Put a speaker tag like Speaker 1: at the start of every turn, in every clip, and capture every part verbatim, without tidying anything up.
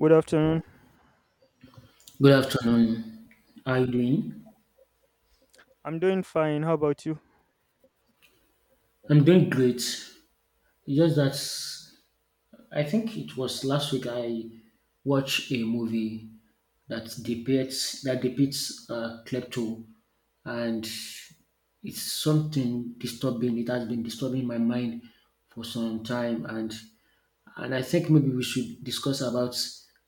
Speaker 1: Good afternoon.
Speaker 2: Good afternoon. How are you doing?
Speaker 1: I'm doing fine. How about you?
Speaker 2: I'm doing great. Just that I think it was last week I watched a movie that depicts that depicts uh, klepto, and it's something disturbing. It has been disturbing my mind for some time, and and I think maybe we should discuss about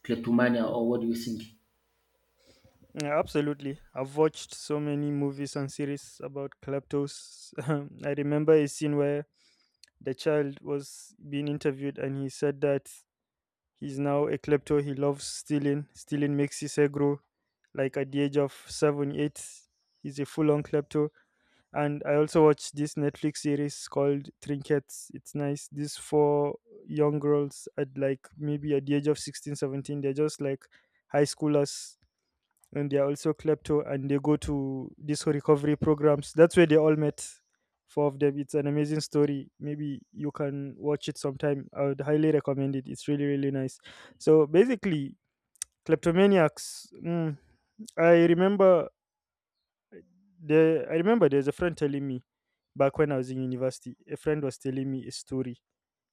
Speaker 2: kleptomania, or what do you think?
Speaker 1: Yeah, absolutely. I've watched so many movies and series about kleptos. Um, I remember a scene where the child was being interviewed and he said that he's now a klepto. He loves stealing. Stealing makes his hair grow. Like at the age of seven, eight, he's a full on klepto. And I also watched this Netflix series called Trinkets. It's nice. These four young girls at like maybe at the age of sixteen, seventeen, they're just like high schoolers, and they're also klepto, and they go to these recovery programs. That's where they all met, four of them. It's an amazing story. Maybe you can watch it sometime. I would highly recommend it. It's really really nice. So basically kleptomaniacs, mm, I remember the I remember there's a friend telling me back when I was in university. A friend was telling me a story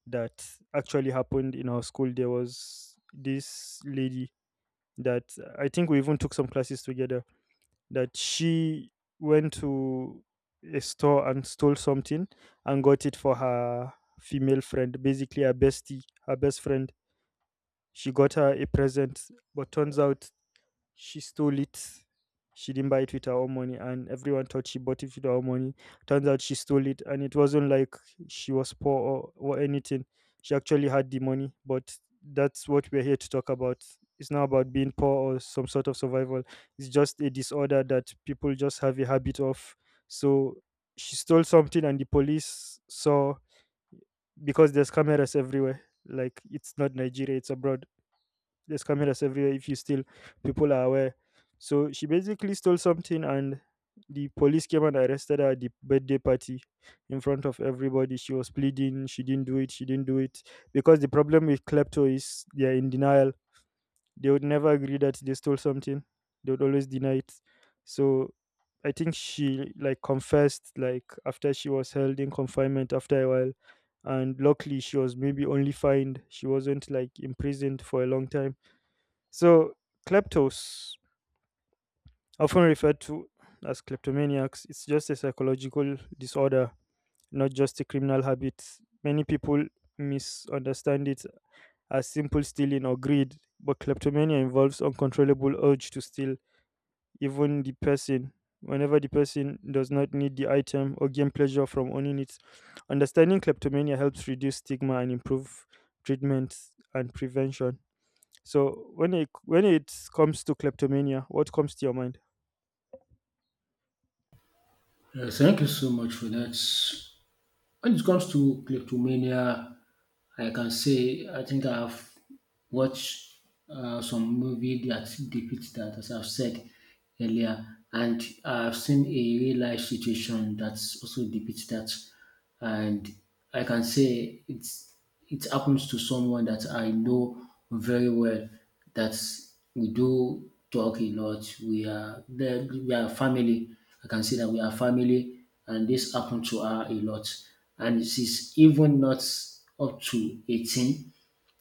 Speaker 1: that actually happened in our school. There was this lady that I think we even took some classes together. That she went to a store and stole something and got it for her female friend, basically her bestie, her best friend. She got her a present, but turns out she stole it. She didn't buy it with her own money, and everyone thought she bought it with her own money. Turns out she stole it, and it wasn't like she was poor or, or anything. She actually had the money, but that's what we're here to talk about. It's not about being poor or some sort of survival. It's just a disorder that people just have a habit of. So she stole something, and the police saw because there's cameras everywhere. Like it's not Nigeria, it's abroad. There's cameras everywhere if you steal. People are aware. So she basically stole something, and the police came and arrested her at the birthday party in front of everybody. She was pleading, she didn't do it, she didn't do it. Because the problem with klepto is they're in denial. They would never agree that they stole something. They would always deny it. So I think she like confessed like after she was held in confinement after a while, and luckily she was maybe only fined. She wasn't like imprisoned for a long time. So, kleptos, often referred to as kleptomaniacs, it's just a psychological disorder, not just a criminal habit. Many people misunderstand it as simple stealing or greed, but kleptomania involves uncontrollable urge to steal even the person whenever the person does not need the item or gain pleasure from owning it. Understanding kleptomania helps reduce stigma and improve treatment and prevention. So when it when it comes to kleptomania, what comes to your mind?
Speaker 2: Yeah, thank you so much for that. When it comes to kleptomania, I can say I think I've watched uh, some movie that depicts that, as I've said earlier, and I've seen a real life situation that also depicts that, and I can say it's it happens to someone that I know very well that we do talk a lot. We are there, we are family. I can say that we are family, and this happened to her a lot. And she's even not up to eighteen.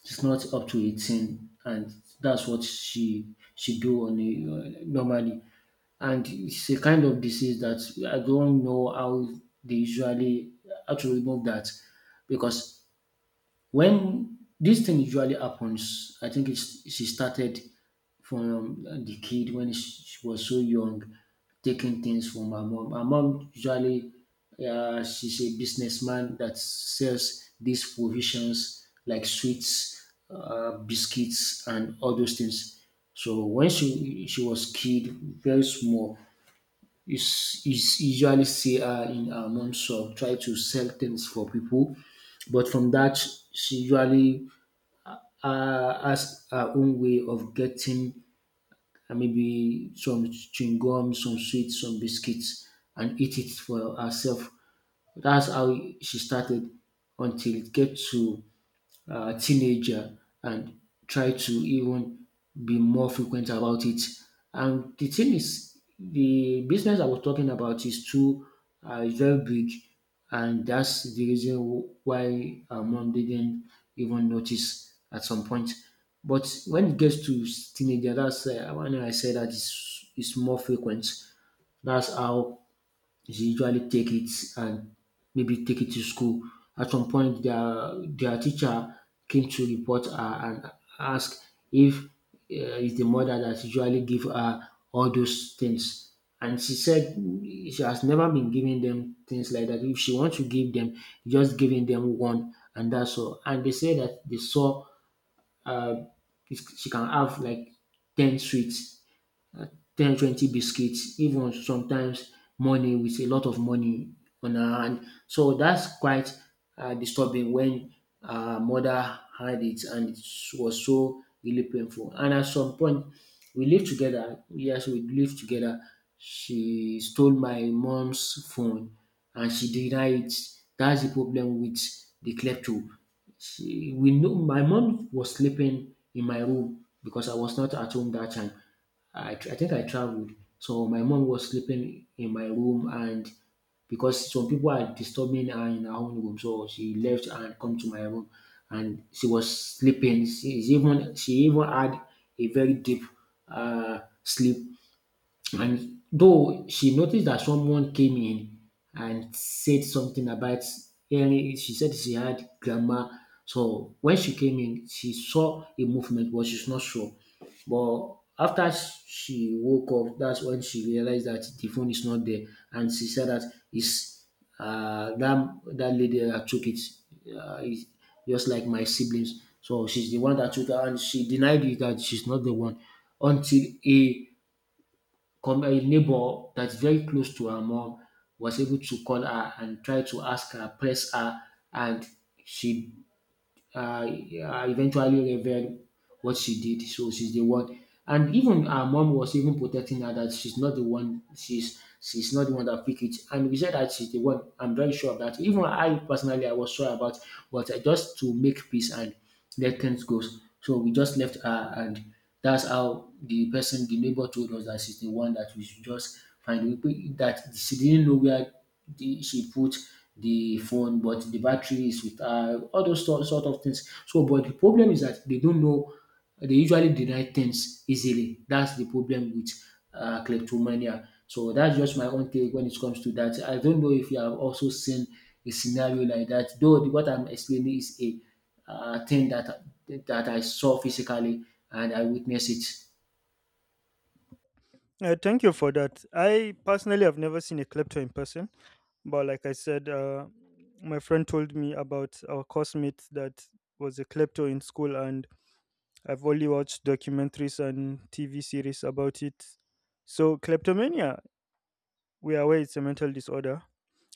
Speaker 2: She's not up to eighteen, and that's what she she do on a, uh, normally. And it's a kind of disease that I don't know how they usually how to remove that, because when this thing usually happens, I think it's, she started from um, the kid when she was so young, taking things from her mom. Her mom usually, uh, she's a businessman that sells these provisions like sweets, uh, biscuits, and all those things. So when she she was kid, very small, it's, it's usually see her in her mom's shop, try to sell things for people. But from that, she usually uh, has her own way of getting uh, maybe some chewing gum, some sweets, some biscuits, and eat it for herself. That's how she started until it gets to uh, teenager, and try to even be more frequent about it. And the thing is, the business I was talking about is too uh, is very big, and that's the reason wh- why our mom didn't even notice at some point. But when it gets to s- teenager, that's uh, when I say that it's, it's more frequent. That's how is usually take it, and maybe take it to school. At some point, their their teacher came to report her and ask if uh, it's the mother that usually give her all those things. And she said mm, she has never been giving them things like that. If she wants to give them, just giving them one, and that's all. And they say that they saw she can have like ten sweets, ten twenty biscuits, even sometimes money, with a lot of money on her hand. So that's quite uh, disturbing when her mother had it, and it was so really painful. And at some point we lived together. Yes, we lived together. She stole my mom's phone, and she denied it. That's the problem with the klepto. She We know my mom was sleeping in my room because I was not at home that time. I, tr- I think I traveled, so my mom was sleeping in my room, and because some people are disturbing her in her own room, so she left and come to my room, and she was sleeping. She is even she even had a very deep uh, sleep, and though she noticed that someone came in and said something about hearing, she said she had grammar. So when she came in, she saw a movement, but she's not sure. But after she woke up, that's when she realized that the phone is not there, and she said that is uh, that that lady that took it, uh, is just like my siblings. So she's the one that took her, and she denied it that she's not the one, until a com a neighbor that's very close to her mom was able to call her and try to ask her, press her, and she uh, uh, eventually revealed what she did. So she's the one. And even her mom was even protecting her that she's not the one. She's she's not the one that picked it. And we said that she's the one. I'm very sure of that. Even I personally, I was sure about, but I just to make peace and let things goes. So we just left her, and that's how the person, the neighbor, told us that she's the one, that we should just find. We- put- That she didn't know where the, she put the phone, but the battery is with her, all those sort, sort of things. So, but the problem is that they don't know, they usually deny things easily. That's the problem with uh, kleptomania. So that's just my own take when it comes to that. I don't know if you have also seen a scenario like that, though the- what I'm explaining is a uh, thing that that I saw physically, and I witnessed it.
Speaker 1: Uh, thank you for that. I personally have never seen a klepto in person, but like I said, uh, my friend told me about our coursemate that was a klepto in school, and I've only watched documentaries and T V series about it. So, kleptomania, we are aware it's a mental disorder,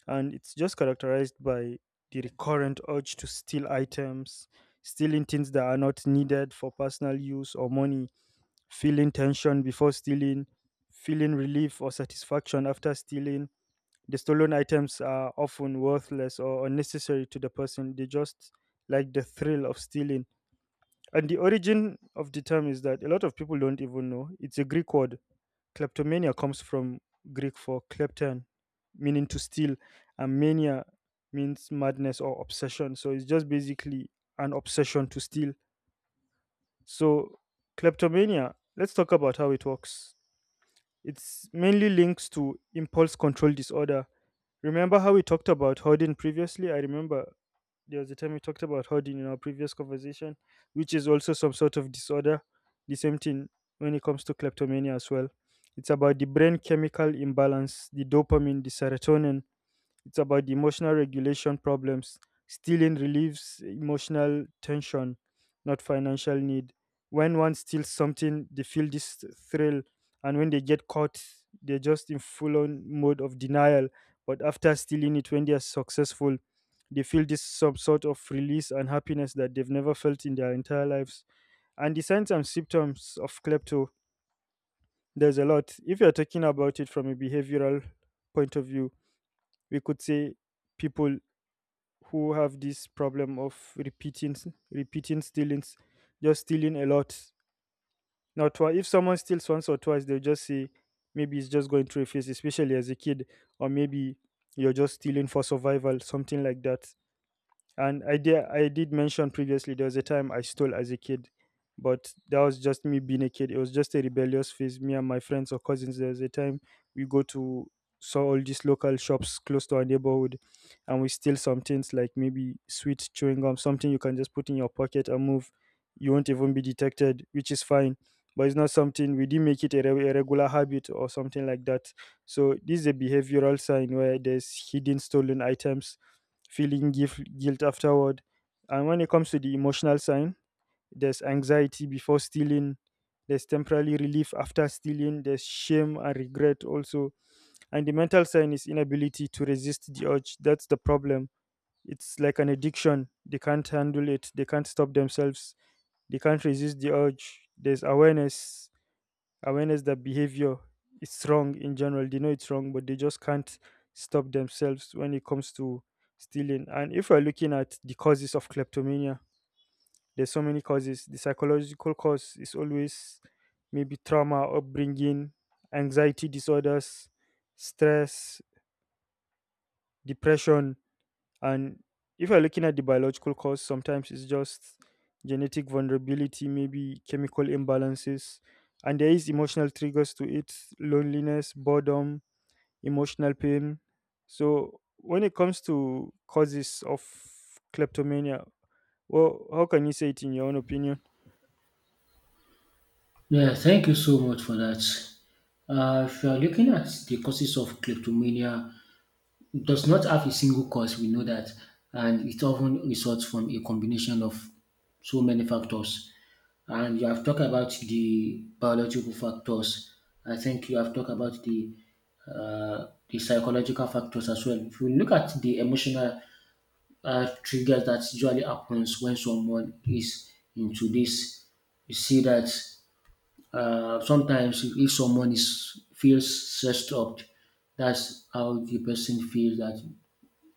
Speaker 1: and it's just characterized by the recurrent urge to steal items, stealing things that are not needed for personal use or money, feeling tension before stealing, feeling relief or satisfaction after stealing. The stolen items are often worthless or unnecessary to the person. They just like the thrill of stealing. And the origin of the term is that a lot of people don't even know. It's a Greek word. Kleptomania comes from Greek for klepton, meaning to steal, and mania means madness or obsession. So it's just basically an obsession to steal. So kleptomania, let's talk about how it works. It's mainly links to impulse control disorder. Remember how we talked about hoarding previously? I remember there was a time we talked about hoarding in our previous conversation, which is also some sort of disorder. The same thing when it comes to kleptomania as well. It's about the brain chemical imbalance, the dopamine, the serotonin. It's about the emotional regulation problems. Stealing relieves emotional tension, not financial need. When one steals something, they feel this thrill, and when they get caught, they're just in full on mode of denial. But after stealing it, when they are successful, they feel this some sort of release and happiness that they've never felt in their entire lives. And the signs and symptoms of klepto, there's a lot. If you're talking about it from a behavioral point of view, we could say people who have this problem of repeating s- repeating stealings, just stealing a lot. Now twi- if someone steals once or twice, they'll just say maybe it's just going through a phase, especially as a kid, or maybe you're just stealing for survival, something like that. And I did, I did mention previously there was a time I stole as a kid, but that was just me being a kid. It was just a rebellious phase. Me and my friends or cousins, there was a time we go to saw all these local shops close to our neighborhood, and we steal some things like maybe sweet chewing gum, something you can just put in your pocket and move. You won't even be detected, which is fine. But it's not something, we didn't make it a, re- a regular habit or something like that. So this is a behavioral sign where there's hidden stolen items, feeling guif- guilt afterward. And when it comes to the emotional sign, there's anxiety before stealing, there's temporary relief after stealing, there's shame and regret also. And the mental sign is inability to resist the urge. That's the problem. It's like an addiction. They can't handle it, they can't stop themselves, they can't resist the urge. There's awareness, awareness that behavior is wrong in general. They know it's wrong, but they just can't stop themselves when it comes to stealing. And if we're looking at the causes of kleptomania, there's so many causes. The psychological cause is always maybe trauma, upbringing, anxiety disorders, stress, depression. And if you're looking at the biological cause, sometimes it's just genetic vulnerability, maybe chemical imbalances, and there is emotional triggers to it, loneliness, boredom, emotional pain. So when it comes to causes of kleptomania, well, how can you say it in your own opinion?
Speaker 2: Yeah, thank you so much for that. Uh, if you are looking at the causes of kleptomania, it does not have a single cause. We know that, and it often results from a combination of so many factors. And you have talked about the biological factors. I think you have talked about the uh, the psychological factors as well. If you look at the emotional uh, triggers that usually happens when someone is into this. You see that uh, sometimes if if someone is feels stressed out, that's how the person feels that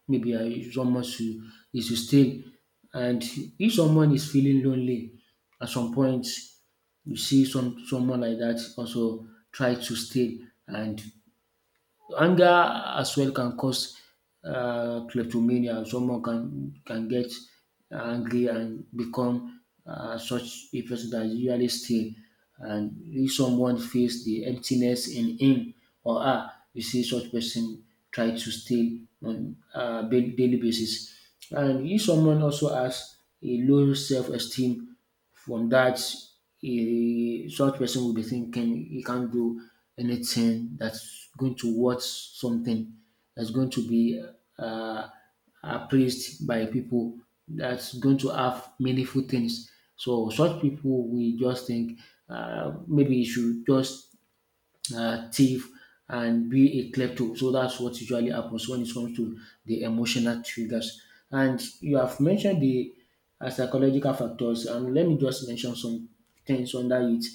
Speaker 2: maybe uh, someone should, is to stay. And if someone is feeling lonely, at some point you see some someone like that also try to stay, and anger as well can cause um kleptomania. Someone can can get angry and become um such a person that is usually steal. And if someone feels the emptiness in him or her, you see such person try to steal on um daily basis. And if someone also has a low self esteem, from that, he, such person will be thinking he can't do anything, that's going to watch something, that's going to be uh, appraised by people, that's going to have meaningful things. So such people, we just think uh, maybe you should just uh, thief and be a klepto. So that's what usually happens when it comes to the emotional triggers. And you have mentioned the uh, psychological factors, and let me just mention some things under it.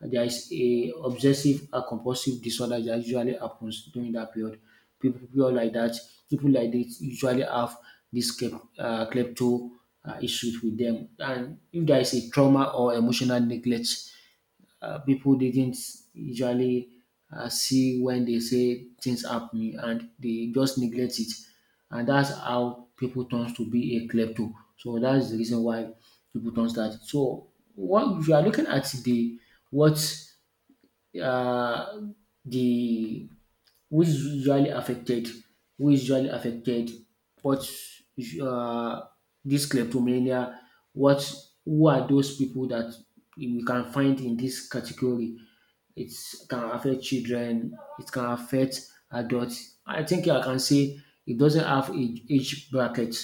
Speaker 2: There is a obsessive and compulsive disorder that usually happens during that period. People, people like that, people like this usually have this klep, uh, klepto uh, issues with them. And if there is a trauma or emotional neglect, uh, people didn't usually uh, see when they say things happening, and they just neglect it. And that's how people turns to be a klepto. So that's the reason why people turns that. So what, if you are looking at the what uh, the which is usually affected. Who is usually affected, what um dis kleptomania, what who are those people that we can find in this category. It can affect children, it can affect adults. I think I can say it doesn't have a age bracket,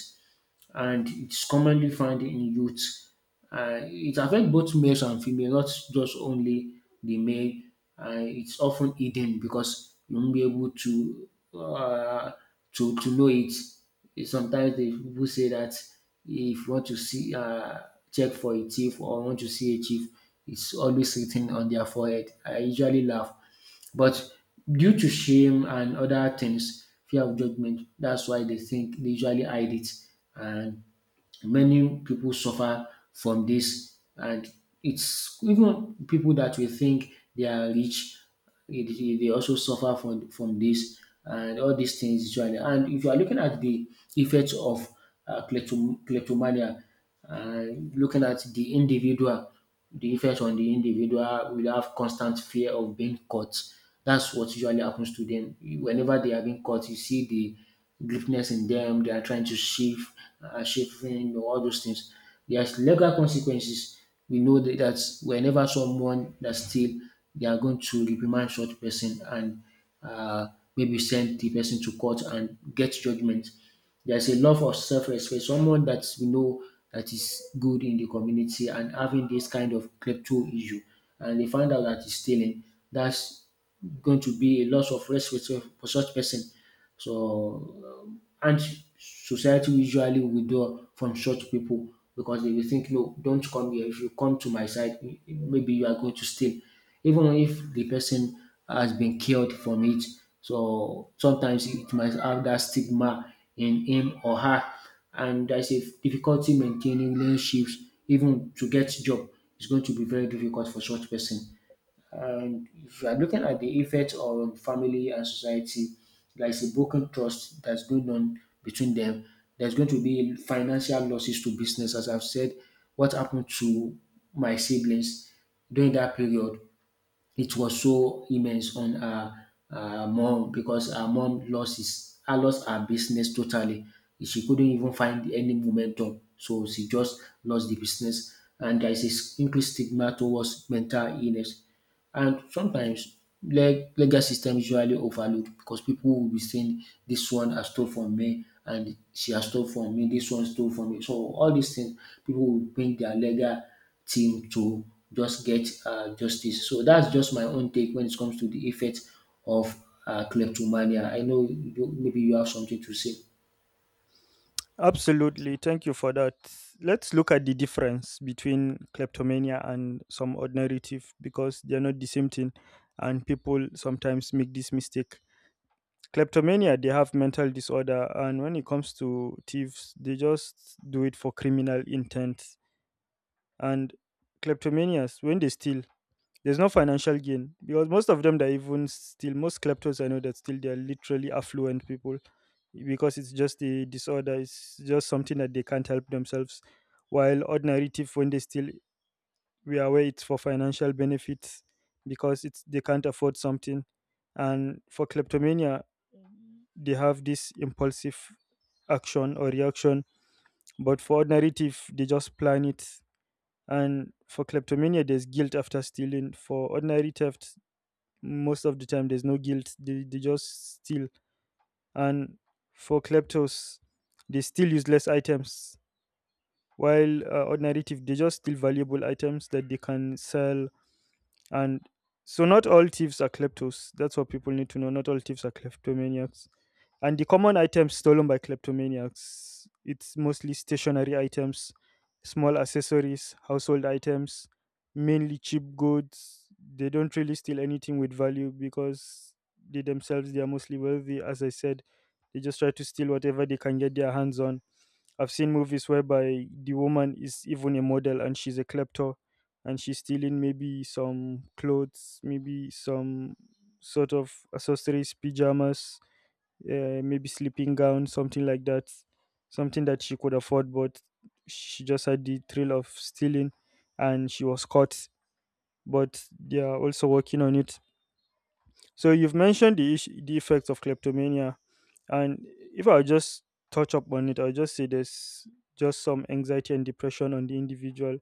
Speaker 2: and it's commonly found in youth. Uh, it affects both males and females, not just only the male. Uh, it's often hidden because you won't be able to uh, to to know it. Eh, Sometimes the people say that if you want to see uh, check for a thief, or want to see a thief, it's always written on their forehead. I usually laugh. But due to shame and other things, fear of judgment, that's why they think they usually hide it. And many people suffer from this. And it's even people that we think they are rich, it- it- they also suffer from, from this and all these things usually. And if you are looking at the effects of uh, klepto- kleptomania, uh, looking at the individual. The defense on the individual will have constant fear of being caught. That's what usually happens to them. Whenever they are being caught, you see the greatness in them. They are trying to shift, uh, shifting, you know, all those things. There's legal consequences. We know that that's whenever someone that steal, they are going to reprimand such person, and uh, maybe send the person to court and get judgment. There's a love of self-respect. Someone that we know that is good in the community and having this kind of crypto issue, and they find out that he's stealing, that's going to be a loss of respect for such person. So and society usually withdraw from such people because they will think no, don't come here. If you come to my side, m- maybe you are going to steal even if the person has been killed from it. So sometimes it might have that stigma in him or her, and there's a difficulty maintaining relationships. Even to get job is going to be very difficult for such person. And if you are looking at the effect on family and society, there is a broken trust that's going on between them. There's going to be financial losses to business, as I've said, what happened to my siblings during that period. It was so immense on her, her mom, because her mom lost his her lost her business totally. She couldn't even find any momentum, so she just lost the business. And there is a increased stigma towards mental illness. And sometimes leg- legal system usually overlooked because people will be saying this one has stole from me, and she has stole from me, this one stole from me. So all these things, people will bring their legal team to just get uh, justice. So that's just my own take when it comes to the effect of uh, kleptomania. I know you, maybe you have something to say.
Speaker 1: Absolutely. Thank you for that. Let's look at the difference between kleptomania and some ordinary thief, because they're not the same thing. And people sometimes make this mistake. Kleptomania, they have mental disorder. And when it comes to thieves, they just do it for criminal intent. And kleptomanias, when they steal, there's no financial gain, because most of them that even still, most kleptos I know that still, they are literally affluent people, because it's just a disorder. It's just something that they can't help themselves. While ordinary thief, when they still, we are aware it's for financial benefits because it's they can't afford something. And for kleptomania, they have this impulsive action or reaction. But for ordinary thief, they just plan it. And for kleptomania, there's guilt after stealing. For ordinary theft, most of the time there's no guilt. They, they just steal. And for kleptos, they steal useless items, while uh, ordinary thief, they just steal valuable items that they can sell. And so not all thieves are kleptos. That's what people need to know. Not all thieves are kleptomaniacs. And the common items stolen by kleptomaniacs, it's mostly stationary items, small accessories, household items, mainly cheap goods. They don't really steal anything with value because they themselves they are mostly wealthy. As I said, they just try to steal whatever they can get their hands on. I've seen movies whereby the woman is even a model and she's a klepto, and she's stealing maybe some clothes, maybe some sort of accessories, pajamas, uh, maybe sleeping gown, something like that, something that she could afford, but she just had the thrill of stealing and she was caught. But they are also working on it. So you've mentioned the issue, the effects of kleptomania, and if I just touch up on it, I'll just say there's just some anxiety and depression on the individual,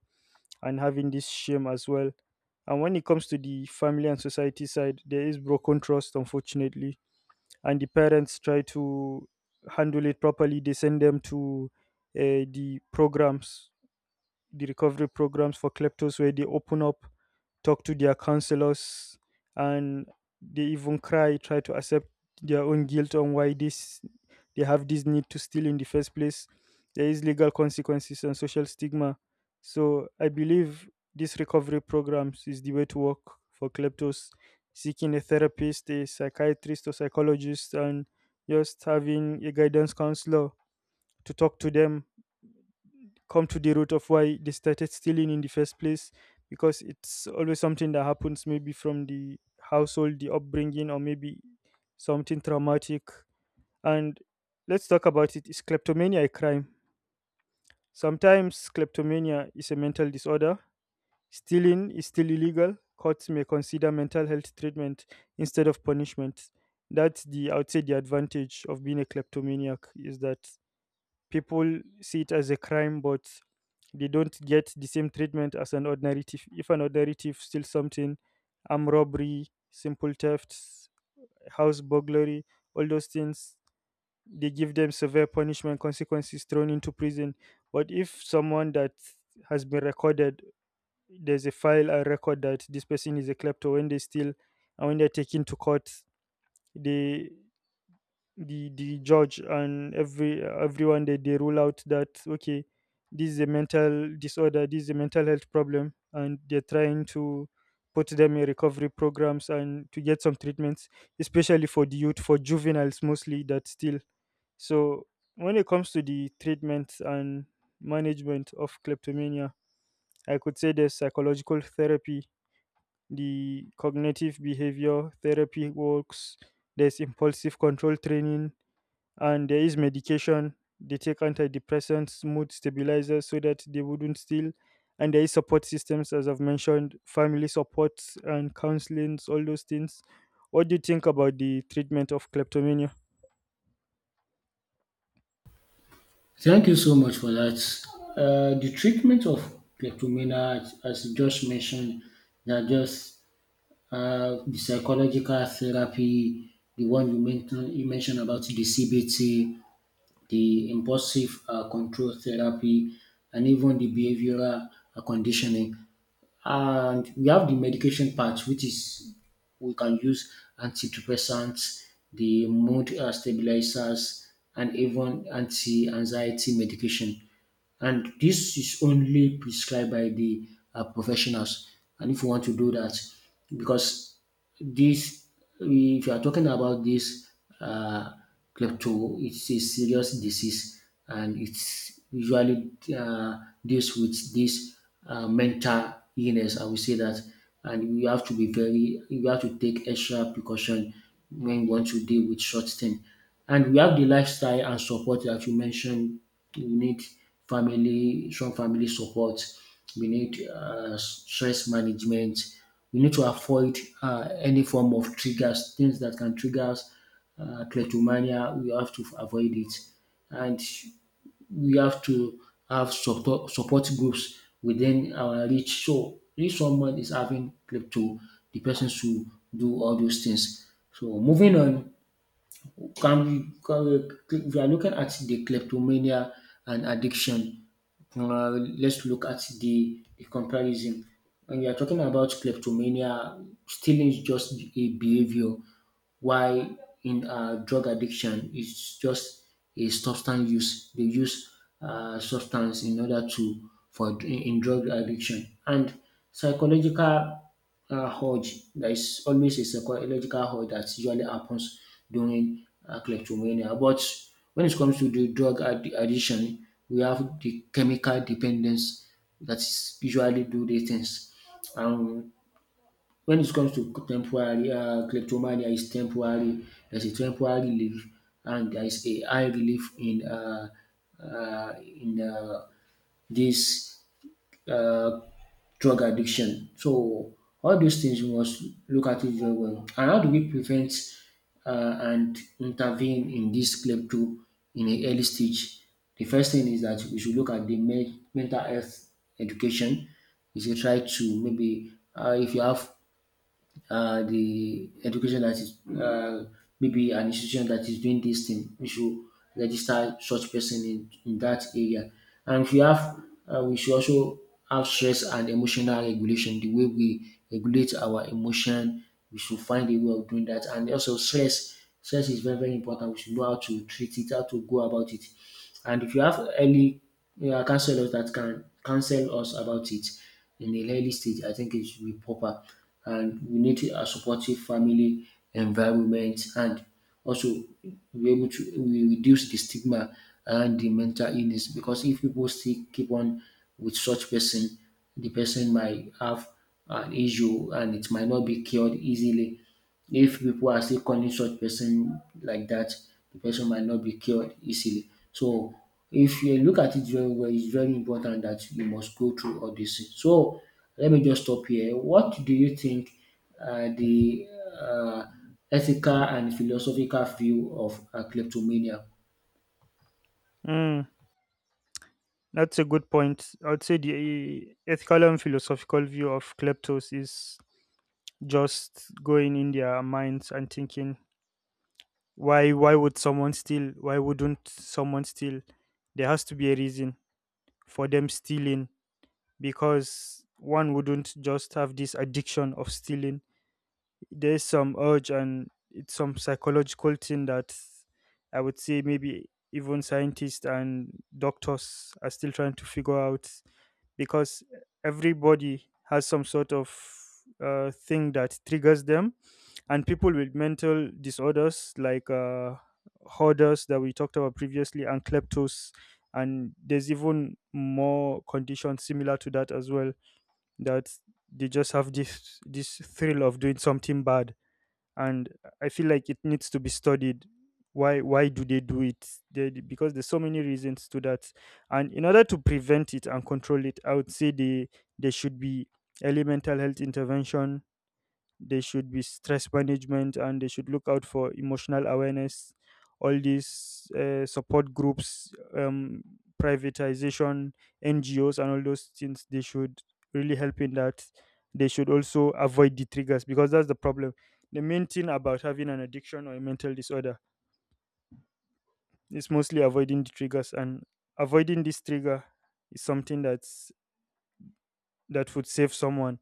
Speaker 1: and having this shame as well. And when it comes to the family and society side, there is broken trust, unfortunately. And the parents try to handle it properly. They send them to uh, the programs, the recovery programs for kleptos, where they open up, talk to their counselors, and they even cry, try to accept their own guilt on why this they have this need to steal in the first place. There is legal consequences and social stigma. So I believe these recovery programs is the way to work for kleptos, seeking a therapist, a psychiatrist or psychologist, and just having a guidance counselor to talk to them, come to the root of why they started stealing in the first place, because it's always something that happens maybe from the household, the upbringing, or maybe something traumatic. And let's talk about it. Is kleptomania a crime? Sometimes kleptomania is a mental disorder. Stealing is still illegal. Courts may consider mental health treatment instead of punishment. That's the, I would say the advantage of being a kleptomaniac, is that people see it as a crime, but they don't get the same treatment as an ordinary thief. If an ordinary thief steals something, armed robbery, simple thefts, house burglary, all those things, they give them severe punishment, consequences, thrown into prison. But if someone that has been recorded, there's a file and record that this person is a klepto, when they steal and when they're taken to court, they, the the judge and every everyone they, they rule out that, okay, this is a mental disorder, this is a mental health problem, and they're trying to put them in recovery programs and to get some treatments, especially for the youth, for juveniles mostly that still. So when it comes to the treatment and management of kleptomania, I could say there's psychological therapy. The cognitive behavior therapy works. There's impulsive control training, and there is medication. They take antidepressants, mood stabilizers, so that they wouldn't steal. And there is support systems, as I've mentioned, family supports and counselings, all those things. What do you think about the treatment of kleptomania?
Speaker 2: Thank you so much for that. Uh, the treatment of kleptomania, as as you just mentioned, that just uh, the psychological therapy, the one you mentioned, you mentioned about the C B T, the impulsive uh, control therapy, and even the behavioral uh, conditioning. And we have the medication part, which is we can use antidepressants, the mood uh, stabilizers, and even anti-anxiety medication. And this is only prescribed by the uh, professionals. And if you want to do that, because this, if you are talking about this uh, klepto, it's a serious disease, and it's usually uh, deals with this uh, mental illness, I will say that. And you have to be very, you have to take extra precaution when you want to deal with such thing. And we have the lifestyle and support that you mentioned. We need family, strong family support. We need uh, stress management. We need to avoid uh, any form of triggers, things that can trigger us, uh, kleptomania. We have to avoid it, and we have to have support, support groups within our reach. So if someone is having klepto, the person should do all those things. So moving on, can we, can if you are looking at the kleptomania and addiction, uh, let's look at the, the comparison. When you are talking about kleptomania, stealing is just a behavior, why in uh, drug addiction, it's just a substance use. They use uh, substance in order to for in, in drug addiction. And psychological uh, urge, there is always a psychological urge that usually happens during uh, kleptomania. But when it comes to the drug ad- addiction, we have the chemical dependence that is usually do the things. And when it comes to temporary um kleptomania is temporary, there's a temporary relief, and there is a high relief in um um in um dis um drug addiction. So all these things we must look at it very well. And how do we prevent um and intervene in this klepto in an early stage? The first thing is that we should look at the men mental health education. We should try to maybe um if you have uh, the education that is uh, maybe an institution that is doing this thing, we should register such person in, in that area. And if we have, uh, we should also have stress and emotional regulation. The way we regulate our emotion, we should find a way of doing that. And also stress, stress is very very important. We should know how to treat it, how to go about it. And if you have early uh, counselors that can counsel us about it in the early stage, I think it should be proper. And we need a supportive family environment, and also be able to we reduce the stigma and the mental illness, because if people still keep on with such person, the person might have an issue and it might not be cured easily. If people are still calling such person like that, the person might not be cured easily. So if you look at it very well, it's very important that you must go through all this. So let me just stop here. What do you think uh, the uh, ethical and philosophical view of uh, kleptomania?
Speaker 1: Mm, that's a good point. I'd say the ethical and philosophical view of kleptos is just going in their minds and thinking, why why would someone steal, why wouldn't someone steal? There has to be a reason for them stealing, because one wouldn't just have this addiction of stealing. There's some urge and it's some psychological thing that I would say maybe even scientists and doctors are still trying to figure out, because everybody has some sort of uh, thing that triggers them. And people with mental disorders like uh, hoarders that we talked about previously, and kleptos, and there's even more conditions similar to that as well, that they just have this this thrill of doing something bad. And I feel like it needs to be studied. why why do they do it, they, because there's so many reasons to that. And in order to prevent it and control it, I would say they, there should be early mental health intervention. They should be stress management, and they should look out for emotional awareness. All these uh, support groups, um, privatization, N G Os, and all those things, they should really help in that. They should also avoid the triggers, because that's the problem. The main thing about having an addiction or a mental disorder is mostly avoiding the triggers, and avoiding this trigger is something that's that would save someone.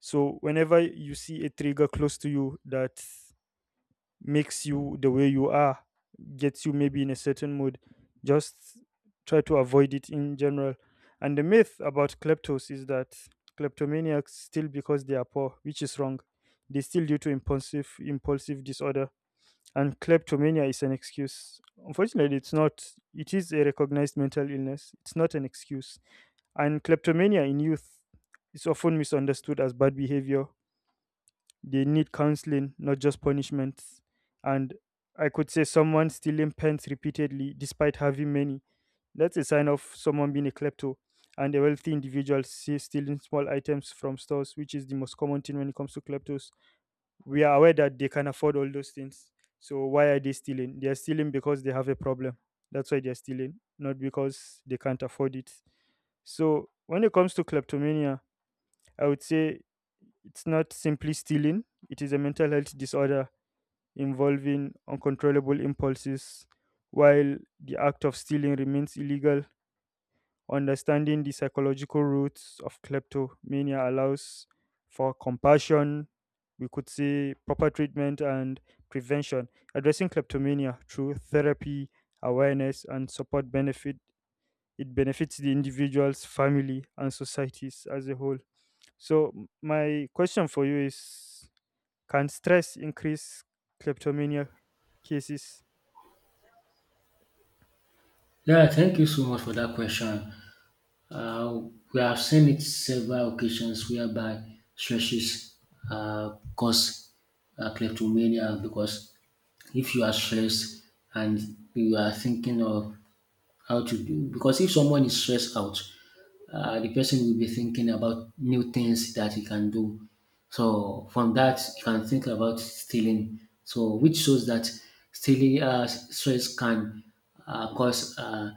Speaker 1: So whenever you see a trigger close to you that makes you the way you are, gets you maybe in a certain mood, just try to avoid it in general. And the myth about kleptos is that kleptomaniacs still because they are poor, which is wrong. They still due to impulsive impulsive disorder. And kleptomania is an excuse. Unfortunately, it's not. It is a recognized mental illness. It's not an excuse. And kleptomania in youth is often misunderstood as bad behavior. They need counseling, not just punishments. And I could say someone stealing pens repeatedly despite having many. That's a sign of someone being a klepto. And a wealthy individual, say, stealing small items from stores, which is the most common thing when it comes to kleptos. We are aware that they can afford all those things. So why are they stealing? They are stealing because they have a problem. That's why they are stealing, not because they can't afford it. So when it comes to kleptomania, I would say it's not simply stealing, it is a mental health disorder involving uncontrollable impulses. While the act of stealing remains illegal, understanding the psychological roots of kleptomania allows for compassion, we could say proper treatment and prevention. Addressing kleptomania through therapy, awareness, and support benefit, it benefits the individuals, family, and societies as a whole. So m- my question for you is, can stress increase kleptomania cases?
Speaker 2: Yeah, thank you so much for that question. Uh, we have seen it several occasions whereby stresses uh, cause uh, kleptomania, because if you are stressed and you are thinking of how to do, because if someone is stressed out, uh, the person will be thinking about new things that he can do. So from that, he can think about stealing. So which shows that stealing uh, stress can uh, cause uh,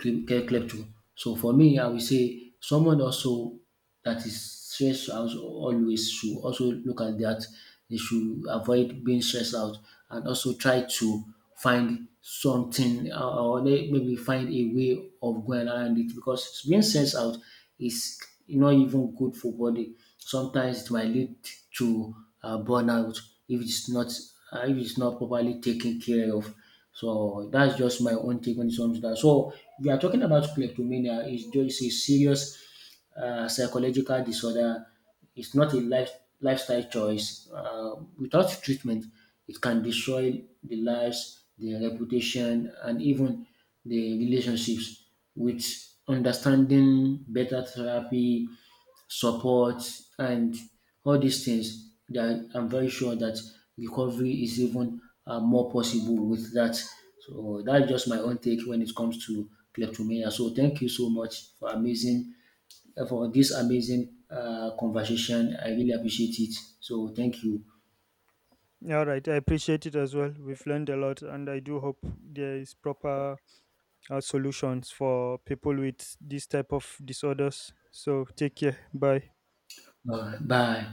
Speaker 2: klepto. So for me, I will say someone also that is stressed out always should also look at that. They should avoid being stressed out, and also try to find something uh, or they maybe find a way of going around it, because being stressed out is not even good for body. Sometimes it might lead to uh, burnout if it's not uh, if it's not properly taken care of. So that's just my own take when it comes to that. So we are talking about kleptomania. It's just a serious uh, psychological disorder, is not a life, lifestyle choice. Uh, without treatment, it can destroy the lives, the reputation, and even the relationships. With understanding, better therapy, support, and all these things, that I'm very sure that recovery is even uh, more possible with that. So that's just my own take when it comes to kleptomania. So thank you so much for amazing uh, for this amazing uh, conversation. I really appreciate it. So thank you.
Speaker 1: All right, I appreciate it as well. We've learned a lot, and I do hope there is proper uh, solutions for people with this type of disorders. So take care. Bye.
Speaker 2: Uh, bye.